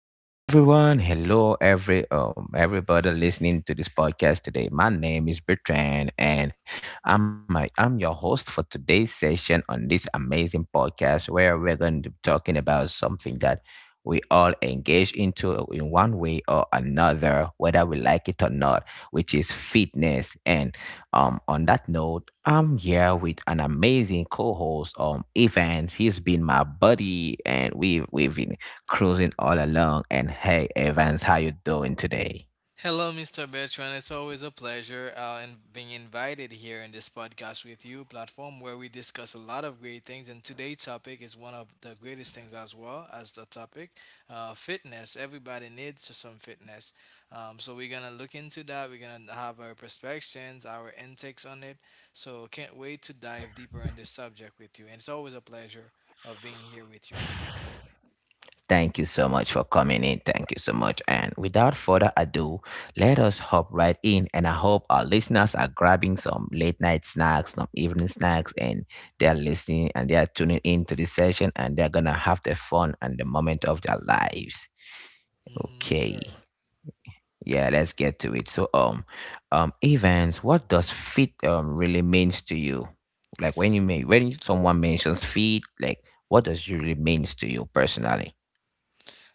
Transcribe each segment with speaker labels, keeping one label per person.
Speaker 1: Hello, everyone. Hello, everybody listening to this podcast today. My name is Bertrand, and I'm your host for today's session on this amazing podcast where we're going to be talking about something that we all engage into in one way or another, whether we like it or not, which is fitness. And on that note, I'm here with an amazing co-host, Evans. He's been my buddy, and we've cruising all alone. And hey, Evans, how you doing today?
Speaker 2: Hello, Mr. Bertrand. It's always a pleasure and being invited here in this podcast with you platform where we discuss a lot of great things. And today's topic is one of the greatest things as well as the topic fitness. Everybody needs some fitness. So we're gonna look into that. We're gonna have our perspectives, our intakes on it. So can't wait to dive deeper in this subject with you. And it's always a pleasure of being here with you.
Speaker 1: Thank you so much for coming in. Thank you so much. And without further ado, let us hop right in. And I hope our listeners are grabbing some late night snacks, some evening snacks, and they're listening and they're tuning in to this session and they're going to have the fun and the moment of their lives.
Speaker 2: Hmm.
Speaker 1: Okay.
Speaker 2: Sure.
Speaker 1: Yeah, let's get to it. Evans, what does fit really means to you? Like when you may when someone mentions fit, like what does it really means to you personally?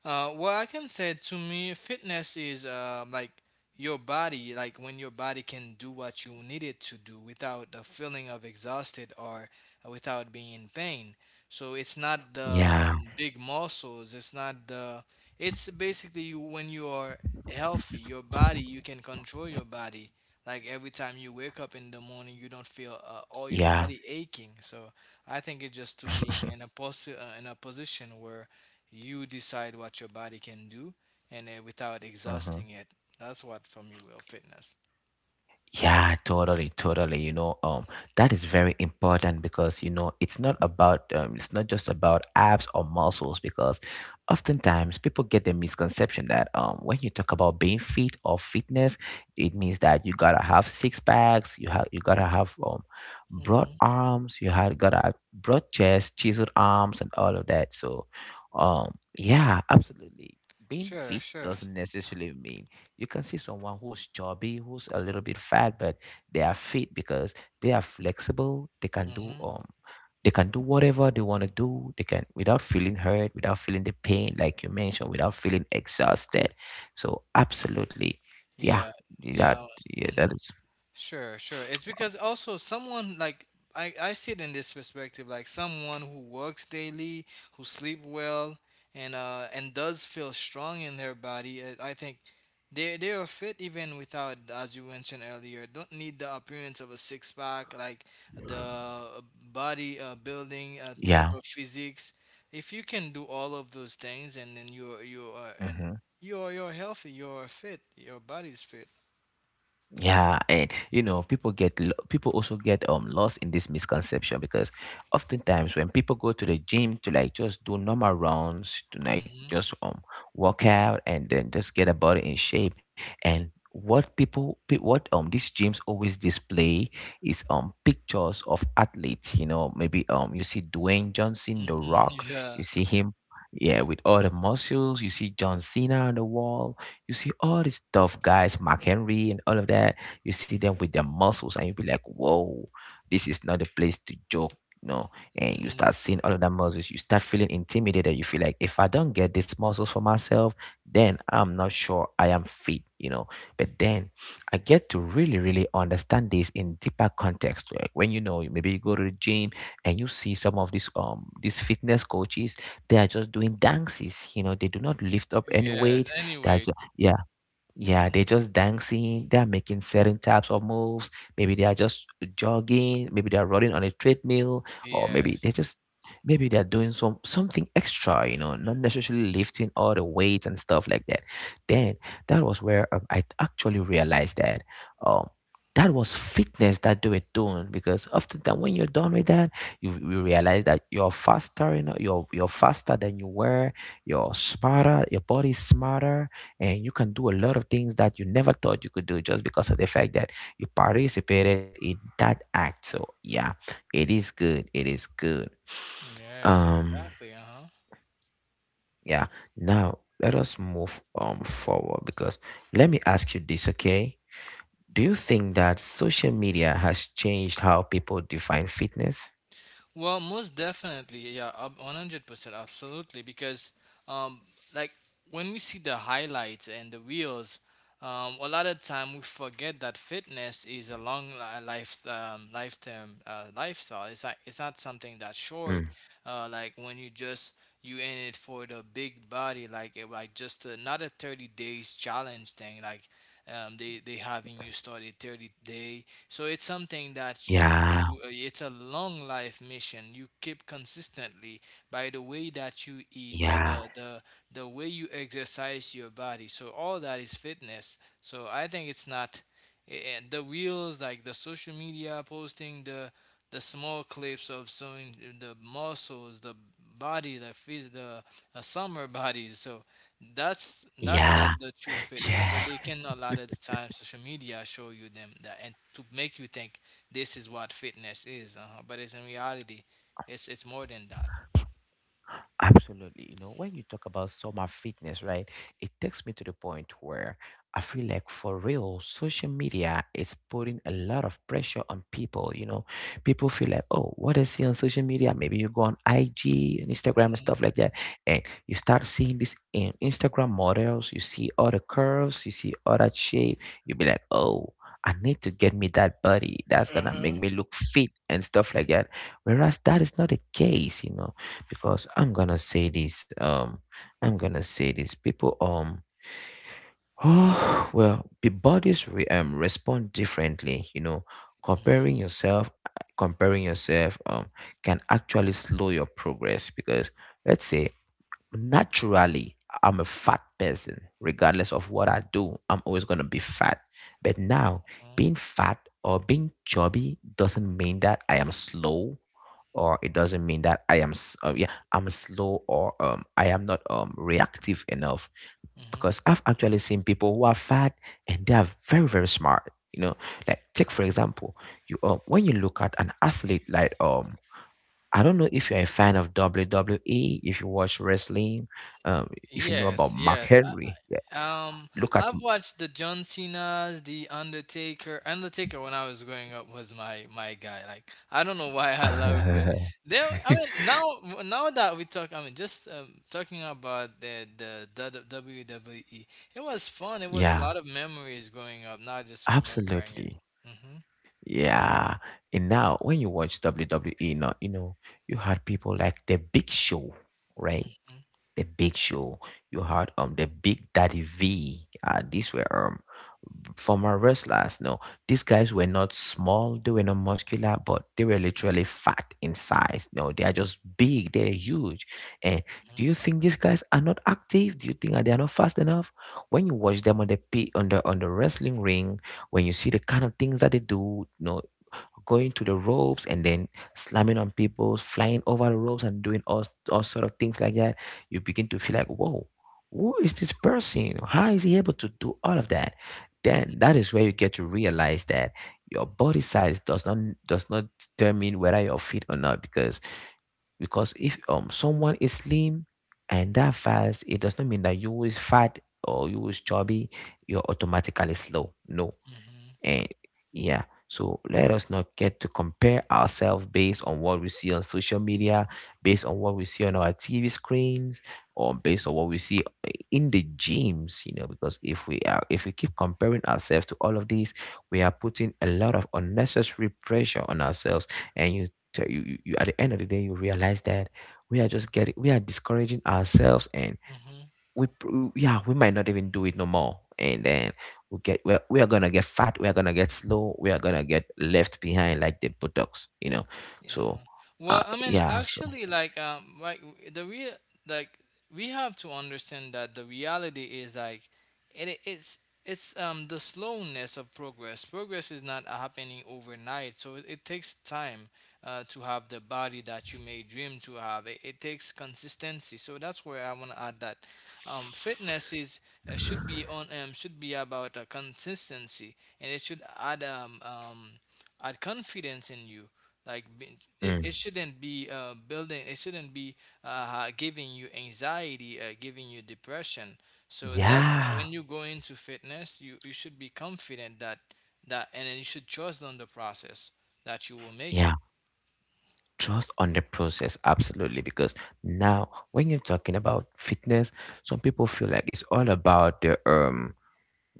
Speaker 2: What I can say to me, fitness is like your body, like when your body can do what you need it to do without the feeling of exhausted or without being in pain. So it's not the
Speaker 1: Yeah.
Speaker 2: big muscles. It's not the. It's basically you, when you are healthy, your body you can control your body. Like every time you wake up in the morning, you don't feel all your
Speaker 1: Yeah.
Speaker 2: body aching. So I think it's just to being in a in a position where you decide what your body can do and without
Speaker 1: Mhm.
Speaker 2: exhausting it. That's what from your will fitness.
Speaker 1: Yeah, totally. You know, that is very important because you know it's not about it's not just about abs or muscles because oftentimes people get the misconception that when you talk about being fit or fitness, it means that you gotta have six packs, you gotta have broad
Speaker 2: Hmm.
Speaker 1: arms, you have gotta have broad chest, chiseled arms, and all of that. So, yeah, absolutely. Being
Speaker 2: Sure,
Speaker 1: fit
Speaker 2: sure.
Speaker 1: doesn't necessarily mean you can see someone who's chubby, who's a little bit fat, but they are fit because they are flexible.
Speaker 2: Mm-hmm.
Speaker 1: They can do whatever they want to do. They can without feeling hurt, without feeling the pain, like you mentioned, without feeling exhausted. So absolutely, yeah,
Speaker 2: Yeah,
Speaker 1: that
Speaker 2: yeah.
Speaker 1: yeah, that is
Speaker 2: Sure, sure. It's because also someone like I see it in this perspective, like someone who works daily, who sleep well, and does feel strong in their body. I think they are fit even without, as you mentioned earlier, don't need the appearance of a six pack, like the body building type
Speaker 1: yeah.
Speaker 2: of physiques. If you can do all of those things, and then you're you are and
Speaker 1: Mhm.
Speaker 2: you're healthy, you're fit, your body's fit.
Speaker 1: Yeah, and you know, people also get lost in this misconception because oftentimes when people go to the gym to like just do normal rounds to like just work out and then just get a body in shape and what these gyms always display is pictures of athletes. You know, maybe you see Dwayne Johnson, the
Speaker 2: Hmm.
Speaker 1: Rock,
Speaker 2: Yeah.
Speaker 1: you see him, yeah, with all the muscles. You see John Cena on the wall, you see all these tough guys, Mark Henry and all of that. You see them with their muscles, and you be like, "Whoa, this is not a place to joke." No, and you
Speaker 2: Hmm.
Speaker 1: start seeing all of that muscles. You start feeling intimidated. You feel like if I don't get these muscles for myself, then I'm not sure I am fit. You know, but then I get to really understand this in deeper context. Where when you know, maybe you go to the gym and you see some of these fitness coaches, they are just doing dances. You know, they do not lift up any
Speaker 2: Yes.
Speaker 1: weight. They are
Speaker 2: Anyway,
Speaker 1: yeah, yeah,
Speaker 2: hmm,
Speaker 1: they're just dancing, they're making certain types of moves. Maybe they are just jogging, maybe they are running on a treadmill, or maybe
Speaker 2: yes.
Speaker 1: they're just maybe they're doing something extra, you know, not necessarily lifting all the weights and stuff like that. Then that was where I actually realized that um that was fitness that they were doing because oftentimes when you're done with that, you realize that you're faster, you know, you're faster than you were, you're smarter, your body's smarter, and you can do a lot of things that you never thought you could do just because of the fact that you participated in that act. So yeah, it is good.
Speaker 2: Yes,
Speaker 1: um
Speaker 2: exactly. Uh huh.
Speaker 1: yeah, now let us move forward. Because let me ask you this, okay, do you think that social media has changed how people define fitness?
Speaker 2: Well, most definitely, yeah, 100%, absolutely. Because, um, like when we see the highlights and the reels, a lot of time we forget that fitness is a long lifestyle. It's like it's not something that's short.
Speaker 1: Mm.
Speaker 2: Like when you just you in it for the big body, like it, like just a, not a 30 days challenge thing, like. They having you start a 30 day so it's something that you
Speaker 1: Yeah.
Speaker 2: do, it's a long life mission. You keep consistently by the way that you eat,
Speaker 1: Yeah.
Speaker 2: the way you exercise your body. So all that is fitness. So I think it's not the reels, like the social media posting, the small clips of showing the muscles, the body, the summer bodies. So that's
Speaker 1: Yeah.
Speaker 2: not the true fitness,
Speaker 1: Yeah.
Speaker 2: but they can a lot of the time social media show you them that and to make you think this is what fitness is, but it's in reality, it's more than that.
Speaker 1: Absolutely. You know, when you talk about summer fitness, right, it takes me to the point where I feel like for real, social media is putting a lot of pressure on people. You know, people feel like, oh, what I see on social media? Maybe you go on IG and Instagram and stuff
Speaker 2: Mhm.
Speaker 1: like that. And you start seeing this in Instagram models, you see other curves, you see other shape. You be like, oh, I need to get me that body that's gonna make
Speaker 2: Uh-huh.
Speaker 1: me look fit and stuff like that. Whereas that is not the case, you know, because I'm gonna say this. I'm gonna say this. People, oh, well, the bodies respond differently. You know, comparing
Speaker 2: Mhm,
Speaker 1: yourself, comparing yourself can actually slow your progress because let's say naturally I'm a fat person, regardless of what I do, I'm always gonna be fat. But now
Speaker 2: mhm,
Speaker 1: being fat or being chubby doesn't mean that I am slow, or it doesn't mean that I'm slow or I am not reactive enough,
Speaker 2: mhm,
Speaker 1: because I've actually seen people who are fat and they are very smart, you know. Like take for
Speaker 2: mhm.
Speaker 1: example, you when you look at an athlete like I don't know if you're a fan of WWE, if you watch wrestling, um, if you know about
Speaker 2: Yes,
Speaker 1: Mark
Speaker 2: yes.
Speaker 1: Henry. Yeah,
Speaker 2: Um,
Speaker 1: look at
Speaker 2: I've watched the John Cena's, the Undertaker. Undertaker, when I was growing up, was my guy. Like I don't know why I love it. They, I mean, now that we talk, I mean, just talking about the WWE, it was fun. It was a
Speaker 1: yeah,
Speaker 2: lot of memories growing up. Not just remembering it.
Speaker 1: absolutely.
Speaker 2: Mm-hmm.
Speaker 1: Yeah. And now when you watch WWE now, you know, you had people like The Big Show, right? The Big Show. You had the Big Daddy V. These were former wrestlers. No, these guys were not small. They were not muscular, but they were literally fat in size. No, they are just big. They're huge. And do you think these guys are not active? Do you think that they are not fast enough? When you watch them on the on the wrestling ring, when you see the kind of things that they do, no, going to the ropes and then slamming on people, flying over the ropes and doing all sort of things like that, you begin to feel like, whoa, who is this person? How is he able to do all of that? Then that is where you get to realize that your body size does not determine whether you're fit or not. Because if someone is slim and that fast, it does not mean that you is fat or you is chubby, you're automatically slow. No.
Speaker 2: Hmm.
Speaker 1: And yeah, so let us not get to compare ourselves based on what we see on social media, based on what we see on our TV screens, or based on what we see in the gyms. You know, because if we keep comparing ourselves to all of these, we are putting a lot of unnecessary pressure on ourselves. And you tell you, you, you at the end of the day you realize that we are discouraging ourselves, and
Speaker 2: Hmm.
Speaker 1: we pr- yeah we might not even do it no more, and then we are gonna get fat, we're gonna get slow, we are gonna get left behind like the buttocks, you know.
Speaker 2: Yeah.
Speaker 1: So
Speaker 2: Huh.
Speaker 1: uh
Speaker 2: Well, I mean,
Speaker 1: yeah, so
Speaker 2: actually, like the real, like, we have to understand that the reality is like, it, it's it's the slowness of progress. Progress is not happening overnight, so it takes time to have the body that you may dream to have. It takes consistency. So that's where I want to add that fitness is should be on should be about consistency, and it should add add confidence in you like be- it,
Speaker 1: mm,
Speaker 2: it shouldn't be building. It shouldn't be giving you anxiety, giving you depression. So that's
Speaker 1: yeah,
Speaker 2: when you go into fitness, you should be confident that and then you should trust on the process that you will make it.
Speaker 1: yeah, trust on the process, absolutely. Because now when you're talking about fitness, some people feel like it's all about the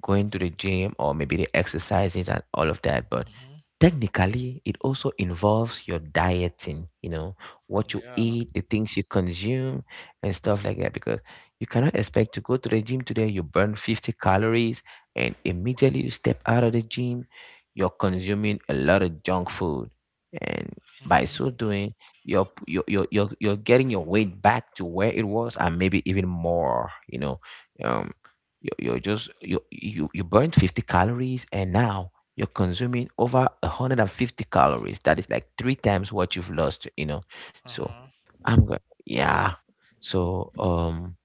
Speaker 1: going to the gym or maybe the exercises and all of that, but
Speaker 2: Hmm.
Speaker 1: technically it also involves your dieting. You know, what you
Speaker 2: Yeah.
Speaker 1: eat, the things you consume and stuff like that. Because you cannot expect to go to the gym today, you burn 50 calories, and immediately you step out of the gym you're consuming a lot of junk food, and by so doing you're getting your weight back to where it was and maybe even more, you know. Um you're, you're just you you you burned 50 calories and now you're consuming over 150 calories. That is like three times what you've lost, you know. So
Speaker 2: Hmm.
Speaker 1: I'm going yeah. So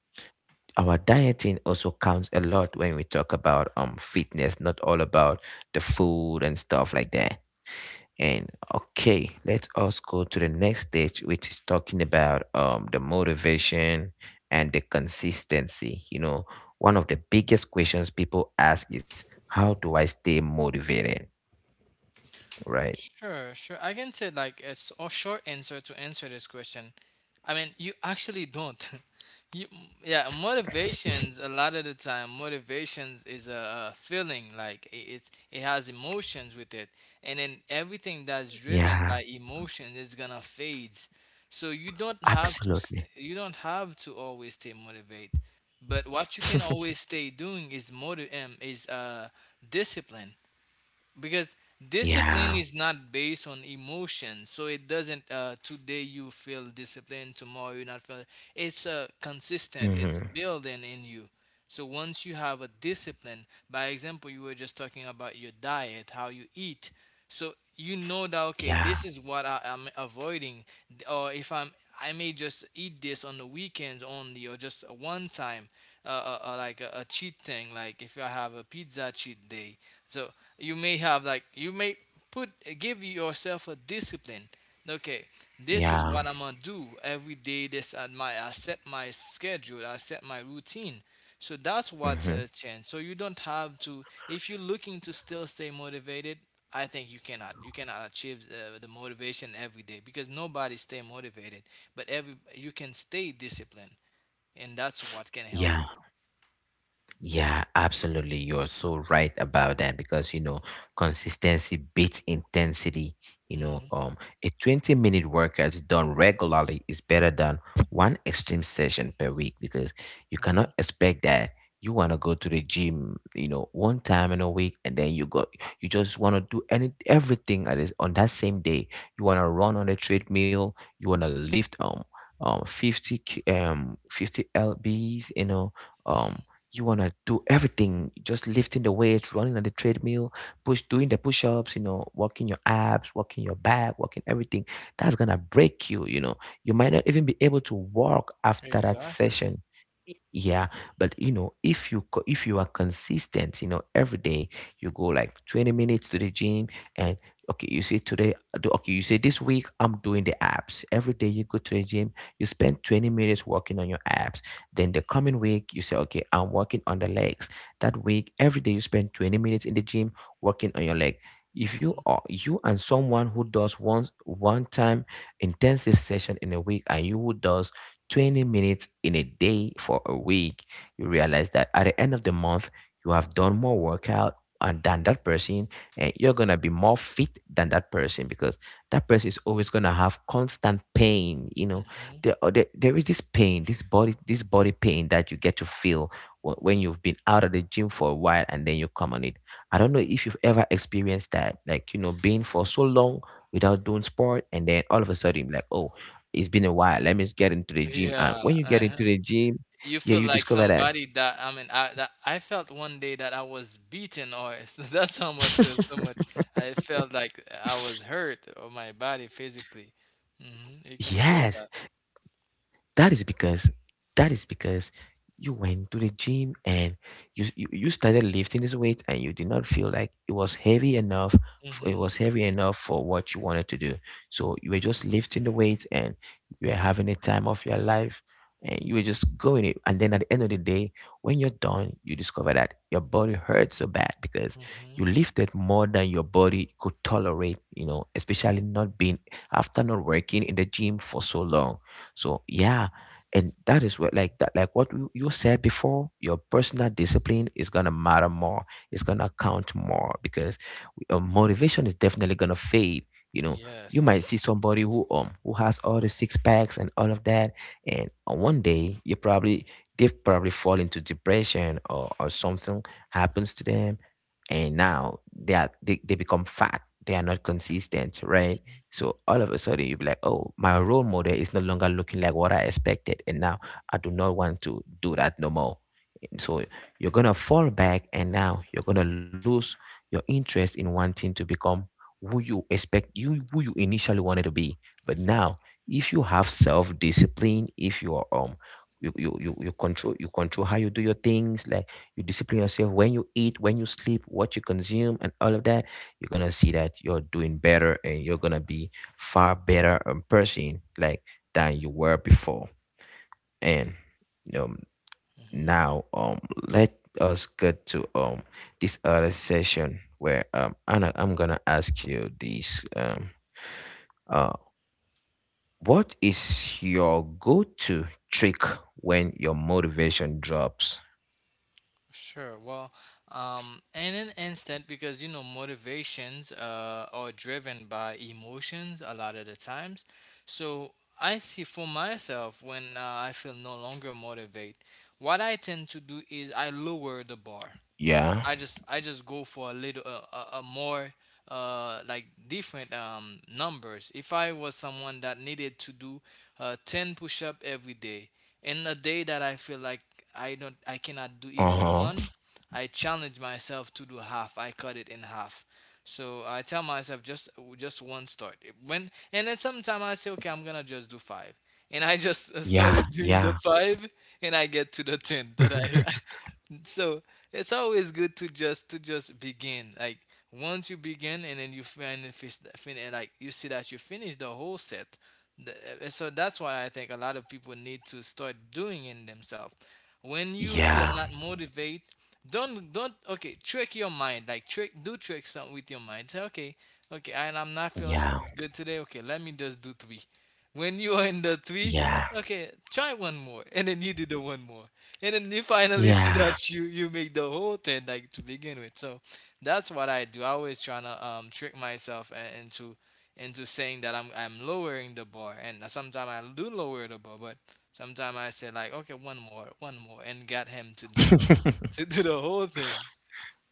Speaker 1: our dieting also counts a lot when we talk about fitness, not all about the food and stuff like that. And okay, let us go to the next stage, which is talking about the motivation and the consistency. You know, one of the biggest questions people ask is, how do I stay motivated? Right?
Speaker 2: Sure, sure. I can say like a short answer to answer this question. I mean, you actually don't. You, yeah, motivations. A lot of the time, motivations is a feeling. Like it has emotions with it, and then everything that's driven by
Speaker 1: Yeah,
Speaker 2: emotion is gonna fade. So you don't have to.
Speaker 1: absolutely.
Speaker 2: You don't have to always stay motivated. But what you can always stay doing is motive is discipline, because discipline
Speaker 1: Yeah.
Speaker 2: is not based on emotion, so it doesn't today you feel disciplined tomorrow you not feel. It's consistent, it's
Speaker 1: Hmm.
Speaker 2: building in you. So once you have a discipline, by example, you were just talking about your diet, how you eat, so you know that, okay, this
Speaker 1: Yeah.
Speaker 2: is what I'm avoiding. Or if I may just eat this on the weekends only or just one time, uh, like a cheat thing, like if I have a pizza cheat day. So you may have like you may put give yourself a discipline, okay, this is what
Speaker 1: Yeah.
Speaker 2: I'm gonna do every day, this and my I set my schedule, I set my routine. So that's what
Speaker 1: Hmm.
Speaker 2: changed. So you don't have to, if you're looking to still stay motivated, I think you cannot achieve the motivation every day, because nobody stay motivated. But every you can stay disciplined, and that's what can help
Speaker 1: Yeah.
Speaker 2: you.
Speaker 1: Yeah, absolutely. You're so right about that because you know consistency beats intensity. You know,
Speaker 2: Hmm.
Speaker 1: a 20-minute workout done regularly is better than one extreme session per week, because you
Speaker 2: Hmm.
Speaker 1: cannot expect that you want to go to the gym, you know, one time in a week and then you go you just want to do any everything at on that same day. You want to run on a treadmill, you want to lift 50 lbs, um
Speaker 2: Hmm.
Speaker 1: you want to do everything, just lifting the weights, running on the treadmill, push doing the push-ups, working your abs, working your back, working everything that's gonna break you you know You might not even be able to walk after that
Speaker 2: Exactly.
Speaker 1: session. Yeah. But if you are consistent, every day you go like 20 minutes to the gym. And okay, you say today I do- okay you say this week I'm doing the abs. Every day you go to the gym, you spend 20 minutes working on your abs. Then the coming week, you say, okay, I'm working on the legs. That week, every day you spend 20 minutes in the gym working on your leg. If you
Speaker 2: Hmm.
Speaker 1: are you and someone who does once one time intensive session in a week, and you who does 20 minutes in a day for a week, you realize that at the end of the month, you have done more workout and than that person, and you're gonna be more fit than that person because that person is always gonna have constant pain.
Speaker 2: Hmm.
Speaker 1: There, are- there is this pain, this body pain that you get to feel when you've been out of the gym for a while and then you come on it. I don't know if you've ever experienced that, like being for so long without doing sport, and then all of a sudden, like, oh, it's been a while, let me just get into the gym. And when
Speaker 2: Yeah,
Speaker 1: you get into
Speaker 2: uh-huh.
Speaker 1: the gym,
Speaker 2: You
Speaker 1: yeah,
Speaker 2: feel
Speaker 1: you
Speaker 2: like
Speaker 1: discover that.
Speaker 2: somebody that I mean, I that I felt one day that I was beaten, or that's how much so much I felt like I was hurt or my body physically. Hmm. You can
Speaker 1: Yes.
Speaker 2: feel that.
Speaker 1: That is because that is because you went to the gym and you started lifting this weight, and you did not feel like it was heavy enough. It
Speaker 2: Hmm.
Speaker 1: was heavy enough for what you wanted to do. So you were just lifting the weight and you were having a time of your life, and you were just going it, and then at the end of the day when you're done, you discover that your body hurts so bad because
Speaker 2: Hmm.
Speaker 1: you lifted more than your body could tolerate, you know, especially not being after not working in the gym for so long. So yeah, and that is what, like that, like what you said before, your personal discipline is gonna matter more. It's gonna count more because motivation is definitely gonna fade. You know, you
Speaker 2: Yes,
Speaker 1: might see somebody who has all the six packs and all of that, and on one day you probably they probably fall into depression or something happens to them, and now they become fat, they are not consistent, right?
Speaker 2: mhm.
Speaker 1: So all of a sudden you'll be like, oh, my role model is no longer looking like what I expected. And now I do not want to do that no more. And so you're gonna fall back and now you're gonna lose your interest in wanting to become who you initially wanted to be. But now,
Speaker 2: Exactly.
Speaker 1: if you have self-discipline, if you are you control how you do your things, like you discipline yourself when you eat, when you sleep, what you consume and all of that. You're gonna see that you're doing better and you're gonna be far better a person, like, than you were before. And um
Speaker 2: Mm-hmm.
Speaker 1: now, let us get to this other session where Anna, I'm gonna ask you this, uh what is your go-to trick when your motivation drops?
Speaker 2: Sure. Well, in an instant, because you know motivations are driven by emotions a lot of the times. So I see for myself when I feel no longer motivate. What I tend to do is I lower the bar.
Speaker 1: Yeah.
Speaker 2: I just go for a little a more like different numbers. If I was someone that needed to do 10 push-up every day, in a day that I feel like I cannot do even
Speaker 1: Uh-huh.
Speaker 2: one, I challenge myself to do half. I cut it in half. So I tell myself just one start. When And then sometimes I say, okay, I'm going to just do 5. And I just
Speaker 1: Yeah,
Speaker 2: started doing the
Speaker 1: yeah.
Speaker 2: 5 and I get to the 10 that I so it's always good to just begin, like once you begin and then you find and like you see that you finish the whole set. And so that's why I think a lot of people need to start doing it themselves. When you feel
Speaker 1: Yeah,
Speaker 2: not motivate, don't, okay, trick your mind, like trick something with your mind, say okay, okay, I'm not
Speaker 1: yeah,
Speaker 2: feeling good today, okay, let me just do three. When you are in the three,
Speaker 1: yeah,
Speaker 2: okay, try one more and then you do the one more, and then you finally see
Speaker 1: yeah,
Speaker 2: that you make the whole thing, like to begin with. So that's what I do, I always trying to trick myself into saying that I'm lowering the bar, and sometimes I do lower the bar, but sometimes I say like okay, one more, one more, and got him to do the to do the whole thing.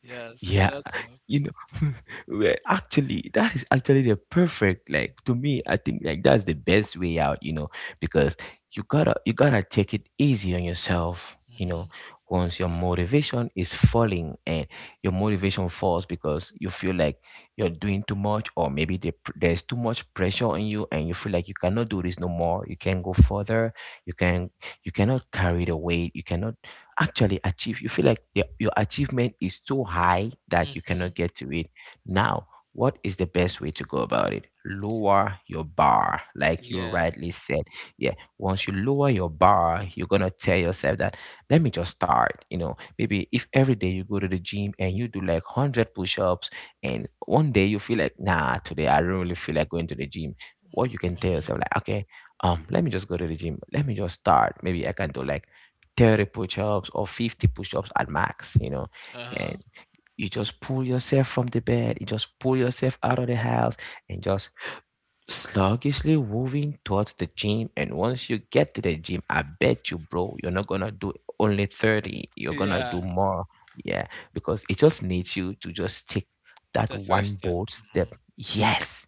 Speaker 2: Yeah, so
Speaker 1: yeah.
Speaker 2: that's how.
Speaker 1: you know well, actually, that is actually the perfect, like, to me, I think, like, that's the best way out. Because you gotta, take it easy on yourself,
Speaker 2: Hmm.
Speaker 1: once your motivation is falling. And your motivation falls because you feel like you're doing too much, or maybe there's too much pressure on you, and you feel like you cannot do this no more, you can't go further, you can you cannot carry the weight, you cannot actually achieve. You feel like your achievement is so high that you
Speaker 2: Hmm.
Speaker 1: cannot get to it. Now, what is the best way to go about it? Lower your bar, like you
Speaker 2: Yeah.
Speaker 1: rightly said. Yeah, once you lower your bar, you're gonna tell yourself that let me just start. You know, maybe if every day you go to the gym and you do like 100 push ups, and one day you feel like, nah, today I don't really feel like going to the gym. What you can tell
Speaker 2: Hmm.
Speaker 1: yourself, like, okay, let me just go to the gym, let me just start. Maybe I can do like 30 push-ups or 50 push-ups at max, you know, and
Speaker 2: Uh-huh.
Speaker 1: you just pull yourself from the bed, you just pull yourself out of the house, and just sluggishly moving towards the gym. And once you get to the gym, I bet you, bro, you're not gonna do only 30. You're gonna
Speaker 2: Yeah.
Speaker 1: do more. Yeah, because it just needs you to just take that
Speaker 2: The
Speaker 1: one
Speaker 2: first step.
Speaker 1: bold
Speaker 2: Hmm.
Speaker 1: step.
Speaker 2: Mm.
Speaker 1: Yes.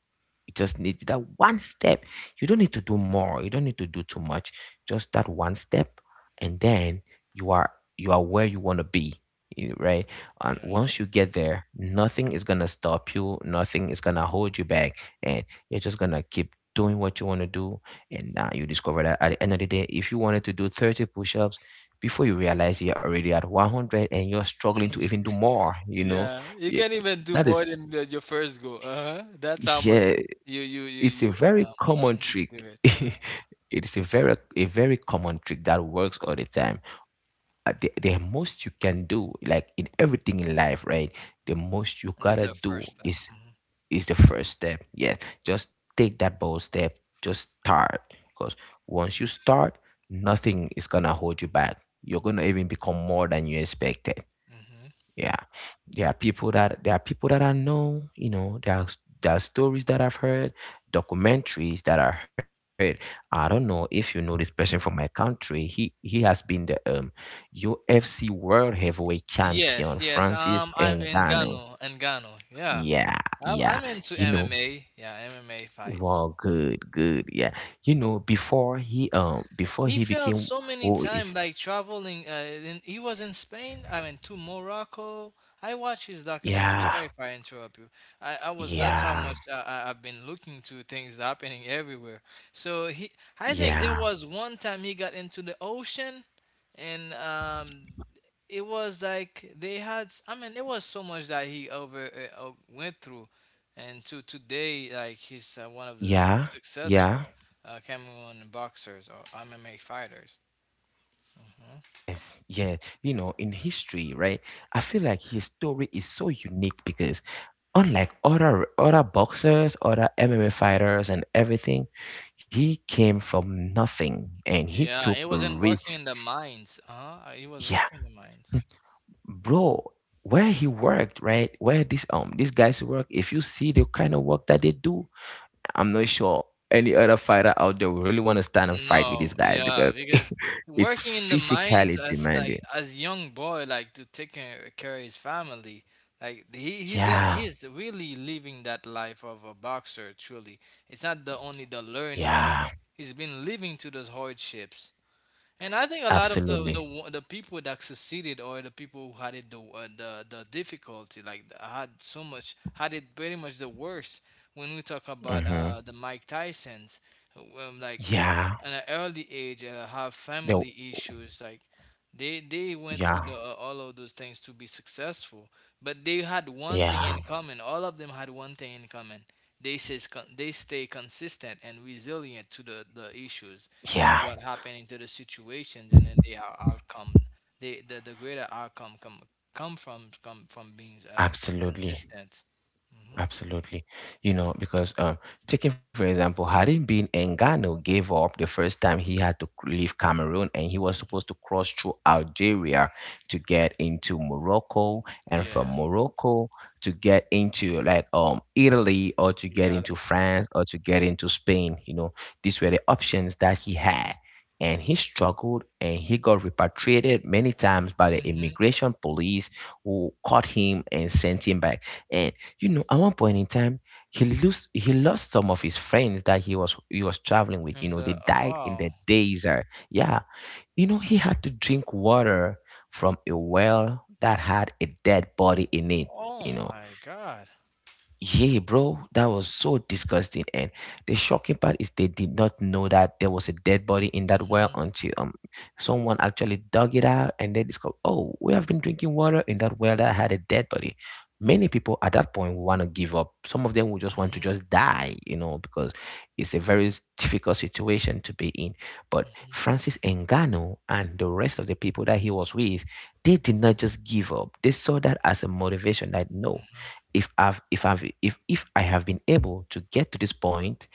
Speaker 1: It just needs that one step. You don't need to do more. You don't need to do too much. Just that one step, and then you are you are where you want to be, right? And
Speaker 2: Yeah,
Speaker 1: once you get there, nothing is gonna stop you. Nothing is gonna hold you back. And you're just gonna keep doing what you want to do, and now you discover that at the end of the day, if you wanted to do 30 push-ups, before you realize you're already at 100 and you're struggling to even do more, you know,
Speaker 2: Yeah, you
Speaker 1: Y-
Speaker 2: can even do
Speaker 1: that is,
Speaker 2: more than your first goal. Uh-huh. That's how much
Speaker 1: yeah,
Speaker 2: you you you
Speaker 1: it's a
Speaker 2: you
Speaker 1: very
Speaker 2: um
Speaker 1: common
Speaker 2: mhm, you
Speaker 1: trick.
Speaker 2: do it. Uh-huh.
Speaker 1: It is a very common trick that works all the time. The most you can do, like, in everything in life, right? The most you
Speaker 2: Is
Speaker 1: gotta
Speaker 2: the
Speaker 1: do
Speaker 2: first step.
Speaker 1: is
Speaker 2: Hmm.
Speaker 1: is the first step. Yes, just take that bold step. Just start. Because once you start, nothing is gonna hold you back. You're gonna even become more than you expected.
Speaker 2: Hmm.
Speaker 1: Yeah. There are people that I know, you know, there are stories that I've heard, documentaries that I heard. I don't know if you know this person from my country. He has been the UFC World Heavyweight Champion,
Speaker 2: Yes, yes.
Speaker 1: Francis
Speaker 2: I
Speaker 1: Ngannou.
Speaker 2: Engano, Engano. Yeah,
Speaker 1: Yeah,
Speaker 2: I,
Speaker 1: yeah.
Speaker 2: I'm into
Speaker 1: You know,
Speaker 2: MMA. Yeah, MMA fights.
Speaker 1: wow, good, good. Yeah. You know, before
Speaker 2: He
Speaker 1: he
Speaker 2: failed
Speaker 1: became,
Speaker 2: so many
Speaker 1: who
Speaker 2: times
Speaker 1: is,
Speaker 2: by traveling. He was in Spain. I mean, to Morocco. I watched his documentary.
Speaker 1: yeah,
Speaker 2: Sorry if I interrupt you. I was. That's how
Speaker 1: yeah,
Speaker 2: much I've been looking to things happening everywhere. So he. I
Speaker 1: yeah,
Speaker 2: think there was one time he got into the ocean, and it was like they had, I mean, it was so much that he over went through, and to today like he's one of the
Speaker 1: yeah,
Speaker 2: most successful
Speaker 1: yeah.
Speaker 2: Cameroon boxers or MMA fighters. Mhm.
Speaker 1: Yes, yeah. You know, in history, right? I feel like his story is so unique because unlike other boxers, other MMA fighters and everything, he came from nothing and he
Speaker 2: Yeah,
Speaker 1: took
Speaker 2: he
Speaker 1: a
Speaker 2: wasn't working
Speaker 1: risk.
Speaker 2: in the mines. Uh-huh. He was
Speaker 1: Yeah.
Speaker 2: working in the mines.
Speaker 1: Bro, where he worked, right, where this these guys work, if you see the kind of work that they do, I'm not sure any other fighter out there will really want to stand and fight with these
Speaker 2: No,
Speaker 1: guys,
Speaker 2: yeah,
Speaker 1: because
Speaker 2: because
Speaker 1: it's
Speaker 2: working in the mines
Speaker 1: physically
Speaker 2: as like
Speaker 1: demanding.
Speaker 2: as young boy, like to take care of his family, like he he's in,
Speaker 1: Yeah,
Speaker 2: he's really living that life of a boxer. Truly, it's not the only the learning, but
Speaker 1: yeah.
Speaker 2: he's been living to those hardships. And I think a lot of the the
Speaker 1: Absolutely.
Speaker 2: wo- the people that succeeded, or the people who had it the difficulty, like had so much, had it pretty much the worst when we talk about
Speaker 1: Mm-hmm.
Speaker 2: the Mike Tysons who, like
Speaker 1: Yeah.
Speaker 2: at an early age have
Speaker 1: the,
Speaker 2: family issues, like they went through
Speaker 1: yeah,
Speaker 2: all of those things to be successful. But they had one thing
Speaker 1: yeah,
Speaker 2: in common. All of them had one thing in common. They says they stay consistent and resilient to the issues, to
Speaker 1: yeah.
Speaker 2: what happening to the situations, and then they are outcome. The greater outcome come from being
Speaker 1: Absolutely.
Speaker 2: consistent.
Speaker 1: Absolutely. You know, because taking for example, hadn't been Engano gave up the first time, he had to leave Cameroon and he was supposed to cross through Algeria to get into Morocco, and from
Speaker 2: Yeah,
Speaker 1: Morocco to get into like Italy, or to get
Speaker 2: exactly.
Speaker 1: into France, or to get into Spain, you know. These were the options that he had. And he struggled and he got repatriated many times by the
Speaker 2: Hmm.
Speaker 1: immigration police who caught him and sent him back. And you know, at one point in time, he lost some of his friends that he was traveling with. You know,
Speaker 2: And
Speaker 1: they
Speaker 2: oh,
Speaker 1: died in the
Speaker 2: wow.
Speaker 1: desert. Yeah, you know, he had to drink water from a well that had a dead body in it.
Speaker 2: Oh
Speaker 1: You know,
Speaker 2: my God.
Speaker 1: yeah, bro, that was so disgusting. And the shocking part is they did not know that there was a dead body in that well
Speaker 2: Hmm.
Speaker 1: until someone actually dug it out, and they discovered, oh, we have been drinking water in that well that had a dead body. Many people at that point will want to give up. Some of them will just want to
Speaker 2: Hmm.
Speaker 1: just die, you know, because it's a very difficult situation to be in. But Francis Ngannou and the rest of the people that he was with, they did not just give up. They saw that as a motivation that, no,
Speaker 2: Hmm.
Speaker 1: if I've if I've if I have been able to get to this point,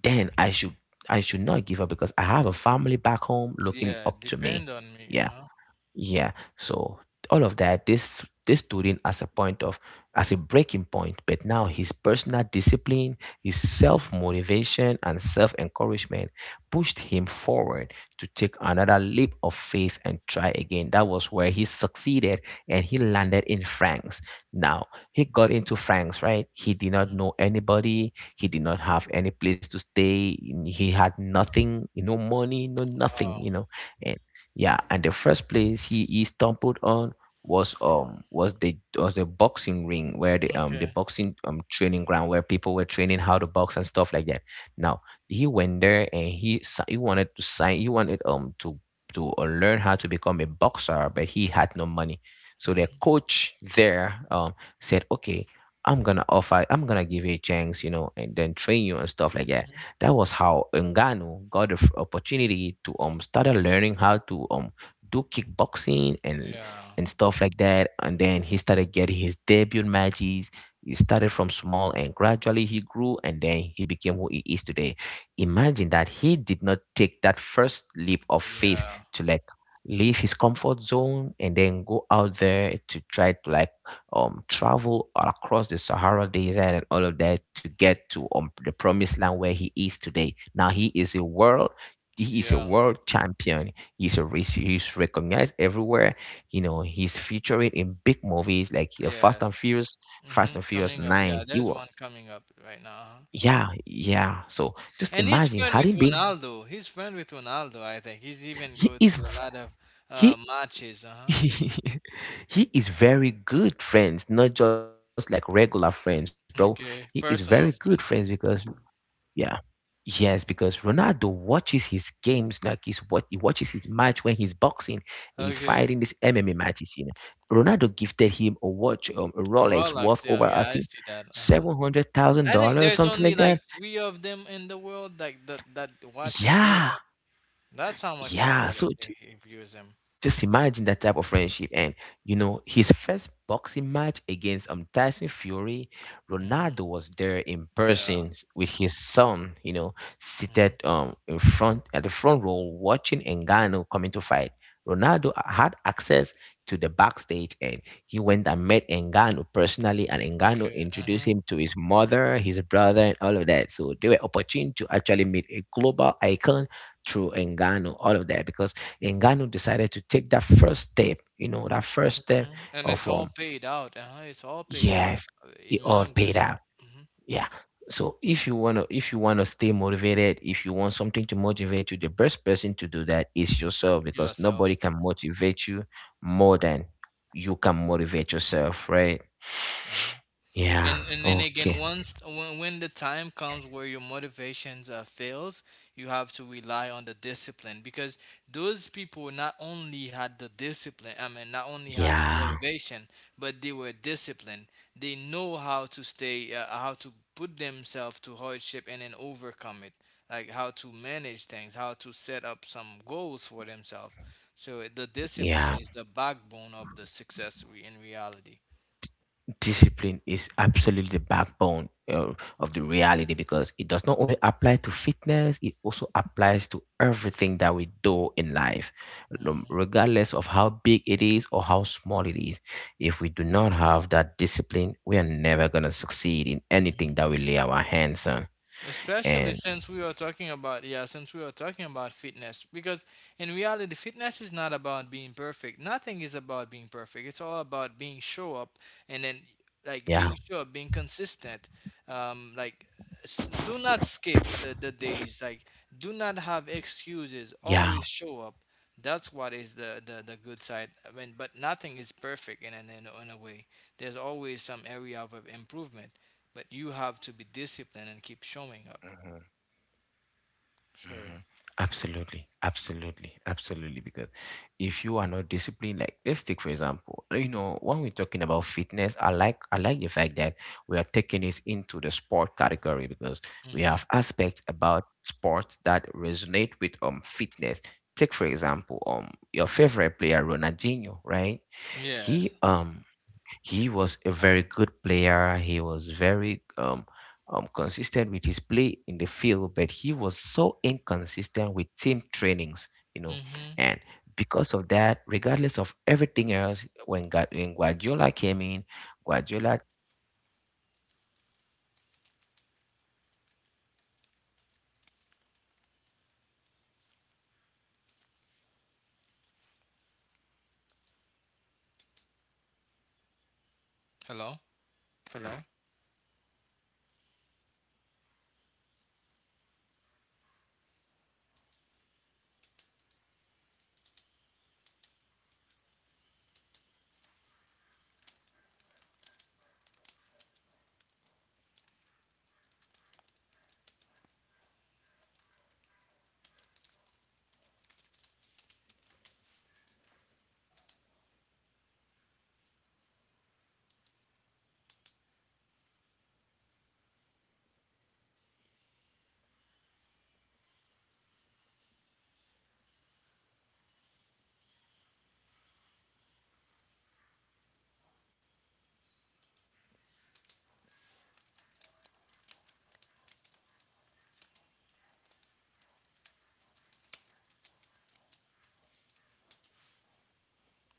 Speaker 1: then I should not give up because I have a family back home looking
Speaker 2: Yeah,
Speaker 1: up to me.
Speaker 2: depend on me.
Speaker 1: Yeah.
Speaker 2: Uh-huh.
Speaker 1: Yeah. So all of that, this student as a point of as a breaking point. But now his personal discipline, his
Speaker 2: Mm-hmm.
Speaker 1: self-motivation and self-encouragement pushed him forward to take another leap of faith and try again. That was where he succeeded and he landed in France. Now he got into France, right? He did not
Speaker 2: Mm-hmm.
Speaker 1: know anybody, he did not have any place to stay, he had nothing, no money, no nothing,
Speaker 2: Wow.
Speaker 1: you know, yeah, and the first place he stumbled on was the boxing ring where the
Speaker 2: Okay.
Speaker 1: boxing training ground where people were training how to box and stuff like that. Now he went there and he wanted to sign he wanted to learn how to become a boxer, but he had no money. So the
Speaker 2: Mm-hmm.
Speaker 1: coach there said, okay, I'm gonna offer, I'm gonna give you a chance, and then train you and stuff like that.
Speaker 2: Mm-hmm.
Speaker 1: That was how Ngannou got the opportunity to started learning how to do kickboxing
Speaker 2: Yeah.
Speaker 1: and stuff like that. And then he started getting his debut matches. He started from small and gradually he grew and then he became who he is today. Imagine that he did not take that first leap of faith
Speaker 2: Yeah.
Speaker 1: to, like, leave his comfort zone and then go out there to try to, like, travel all across the Sahara desert and all of that to get to the promised land where he is today. Now he is a world he is a
Speaker 2: Yeah.
Speaker 1: world champion. He's recognized everywhere. You know, he's featuring in big movies like
Speaker 2: Yes.
Speaker 1: Fast
Speaker 2: Mm-hmm.
Speaker 1: and Furious
Speaker 2: Coming up.
Speaker 1: 9.
Speaker 2: Yeah,
Speaker 1: He
Speaker 2: there's
Speaker 1: was,
Speaker 2: one coming up right now. Uh-huh.
Speaker 1: yeah, yeah. So just
Speaker 2: And he's
Speaker 1: imagine
Speaker 2: friend
Speaker 1: had
Speaker 2: with
Speaker 1: he been
Speaker 2: Ronaldo. He's friend with Ronaldo, I think. He's even
Speaker 1: he
Speaker 2: go
Speaker 1: is
Speaker 2: to a
Speaker 1: v-
Speaker 2: lot of
Speaker 1: he
Speaker 2: matches, uh-huh.
Speaker 1: he is very good friends, not just like regular friends, bro. He is very
Speaker 2: Okay.
Speaker 1: good friends
Speaker 2: Personal
Speaker 1: because,
Speaker 2: friends.
Speaker 1: yeah. Yes, because Ronaldo watches his games like he watches his match when he's boxing, he's fighting these
Speaker 2: Okay.
Speaker 1: MMA matches. You know, Ronaldo gifted him a watch, a
Speaker 2: Oh,
Speaker 1: Rolex worth
Speaker 2: Rolex, yeah,
Speaker 1: over, I
Speaker 2: yeah, I
Speaker 1: think,
Speaker 2: see that. Uh-huh.
Speaker 1: seven hundred thousand
Speaker 2: I think
Speaker 1: dollars,
Speaker 2: there's
Speaker 1: something
Speaker 2: only
Speaker 1: like
Speaker 2: like
Speaker 1: that.
Speaker 2: three of them in the world like that, that watch she gave
Speaker 1: Yeah,
Speaker 2: him. That's how much
Speaker 1: yeah. So
Speaker 2: important he views him.
Speaker 1: just imagine that type of friendship. And, you know, his first boxing match against Tyson Fury,
Speaker 2: Hmm.
Speaker 1: Ronaldo was there in
Speaker 2: Yeah.
Speaker 1: person with his son, you know, seated
Speaker 2: Hmm.
Speaker 1: in front at the front row watching Engano coming to fight. Had access to the backstage and he went and met Engano personally, and Engano
Speaker 2: Okay.
Speaker 1: introduced
Speaker 2: Uh-huh.
Speaker 1: him to his mother, his brother, and all of that. So they were opportune to actually meet a global icon through Engano, all of that because and Gano decided to take that first step, you know, that first step
Speaker 2: Hmm. And
Speaker 1: of
Speaker 2: it's all paid out. Uh-huh. It's all paid out
Speaker 1: yes,
Speaker 2: uh,
Speaker 1: it all
Speaker 2: among
Speaker 1: paid
Speaker 2: us.
Speaker 1: out.
Speaker 2: Hmm.
Speaker 1: Yeah. So if you wanna stay motivated, if you want something to motivate you, the best person to do that is yourself, because
Speaker 2: Yourself.
Speaker 1: nobody can motivate you more than you can motivate yourself, right?
Speaker 2: Mm-hmm. And
Speaker 1: Yeah.
Speaker 2: and then again,
Speaker 1: Okay.
Speaker 2: once when the time comes where your motivations fails, you have to rely on the discipline, because those people not only had the discipline, I mean, not only had the
Speaker 1: Yeah.
Speaker 2: motivation, but they were disciplined. They know how to put themselves to hardship and then overcome it, like how to manage things, how to set up some goals for themselves. So the discipline
Speaker 1: Yeah.
Speaker 2: is the backbone of the success in reality.
Speaker 1: Discipline is absolutely the backbone of the reality, because it does not only apply to fitness, it also applies to everything that we do in life, regardless of how big it is or how small it is. If we do not have that discipline, we are never going to succeed in anything
Speaker 2: Mm-hmm.
Speaker 1: that we lay our hands on.
Speaker 2: Especially
Speaker 1: And
Speaker 2: since we were talking about, yeah, since we were talking about fitness, because in reality fitness is not about being perfect, nothing is about being perfect, it's all about being show up. And then
Speaker 1: yeah.
Speaker 2: like being show up, being consistent, like do not skip the days, like do not have excuses,
Speaker 1: Yeah.
Speaker 2: always show up. That's what is the good side, I mean, but nothing is perfect in, an, in, in a way, there's always some area of improvement, but you have to be disciplined and keep showing up.
Speaker 1: Mhm.
Speaker 2: Sure.
Speaker 1: Mhm. Absolutely, absolutely, absolutely. Because if you are not disciplined, like let's take for example, you know, when we're talking about fitness, I like the fact that we are taking it into the sport category, because we
Speaker 2: Mm-hmm.
Speaker 1: have aspects about sports that resonate with fitness. Take for example, your favorite player Ronaldinho, right?
Speaker 2: Yes.
Speaker 1: He um he was a very good player. He was very consistent with his play in the field, but he was so inconsistent with team trainings, you know.
Speaker 2: Mm-hmm.
Speaker 1: And because of that, regardless of everything else, when Guardiola came in, Guardiola
Speaker 2: Hello.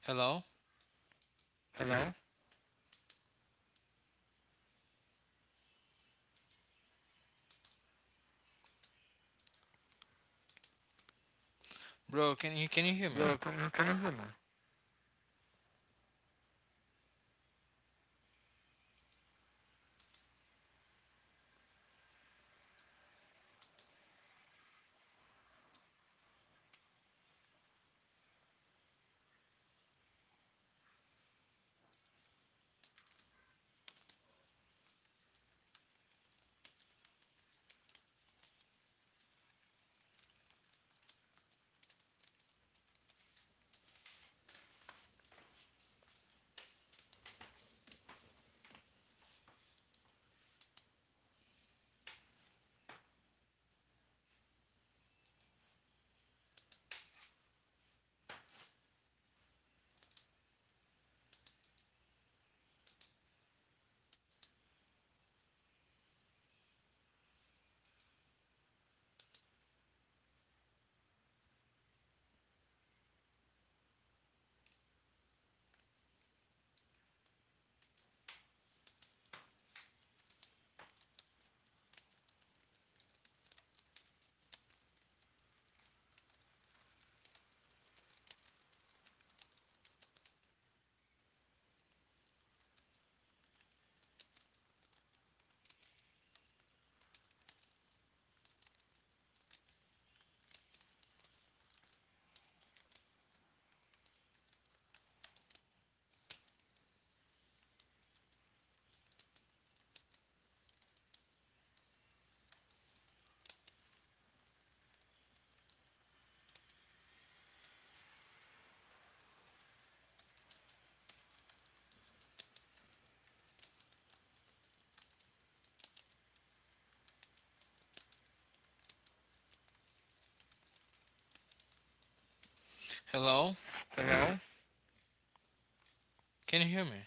Speaker 2: Hello,
Speaker 1: Hello?
Speaker 2: bro. Can you hear me? Hello. Can you hear me?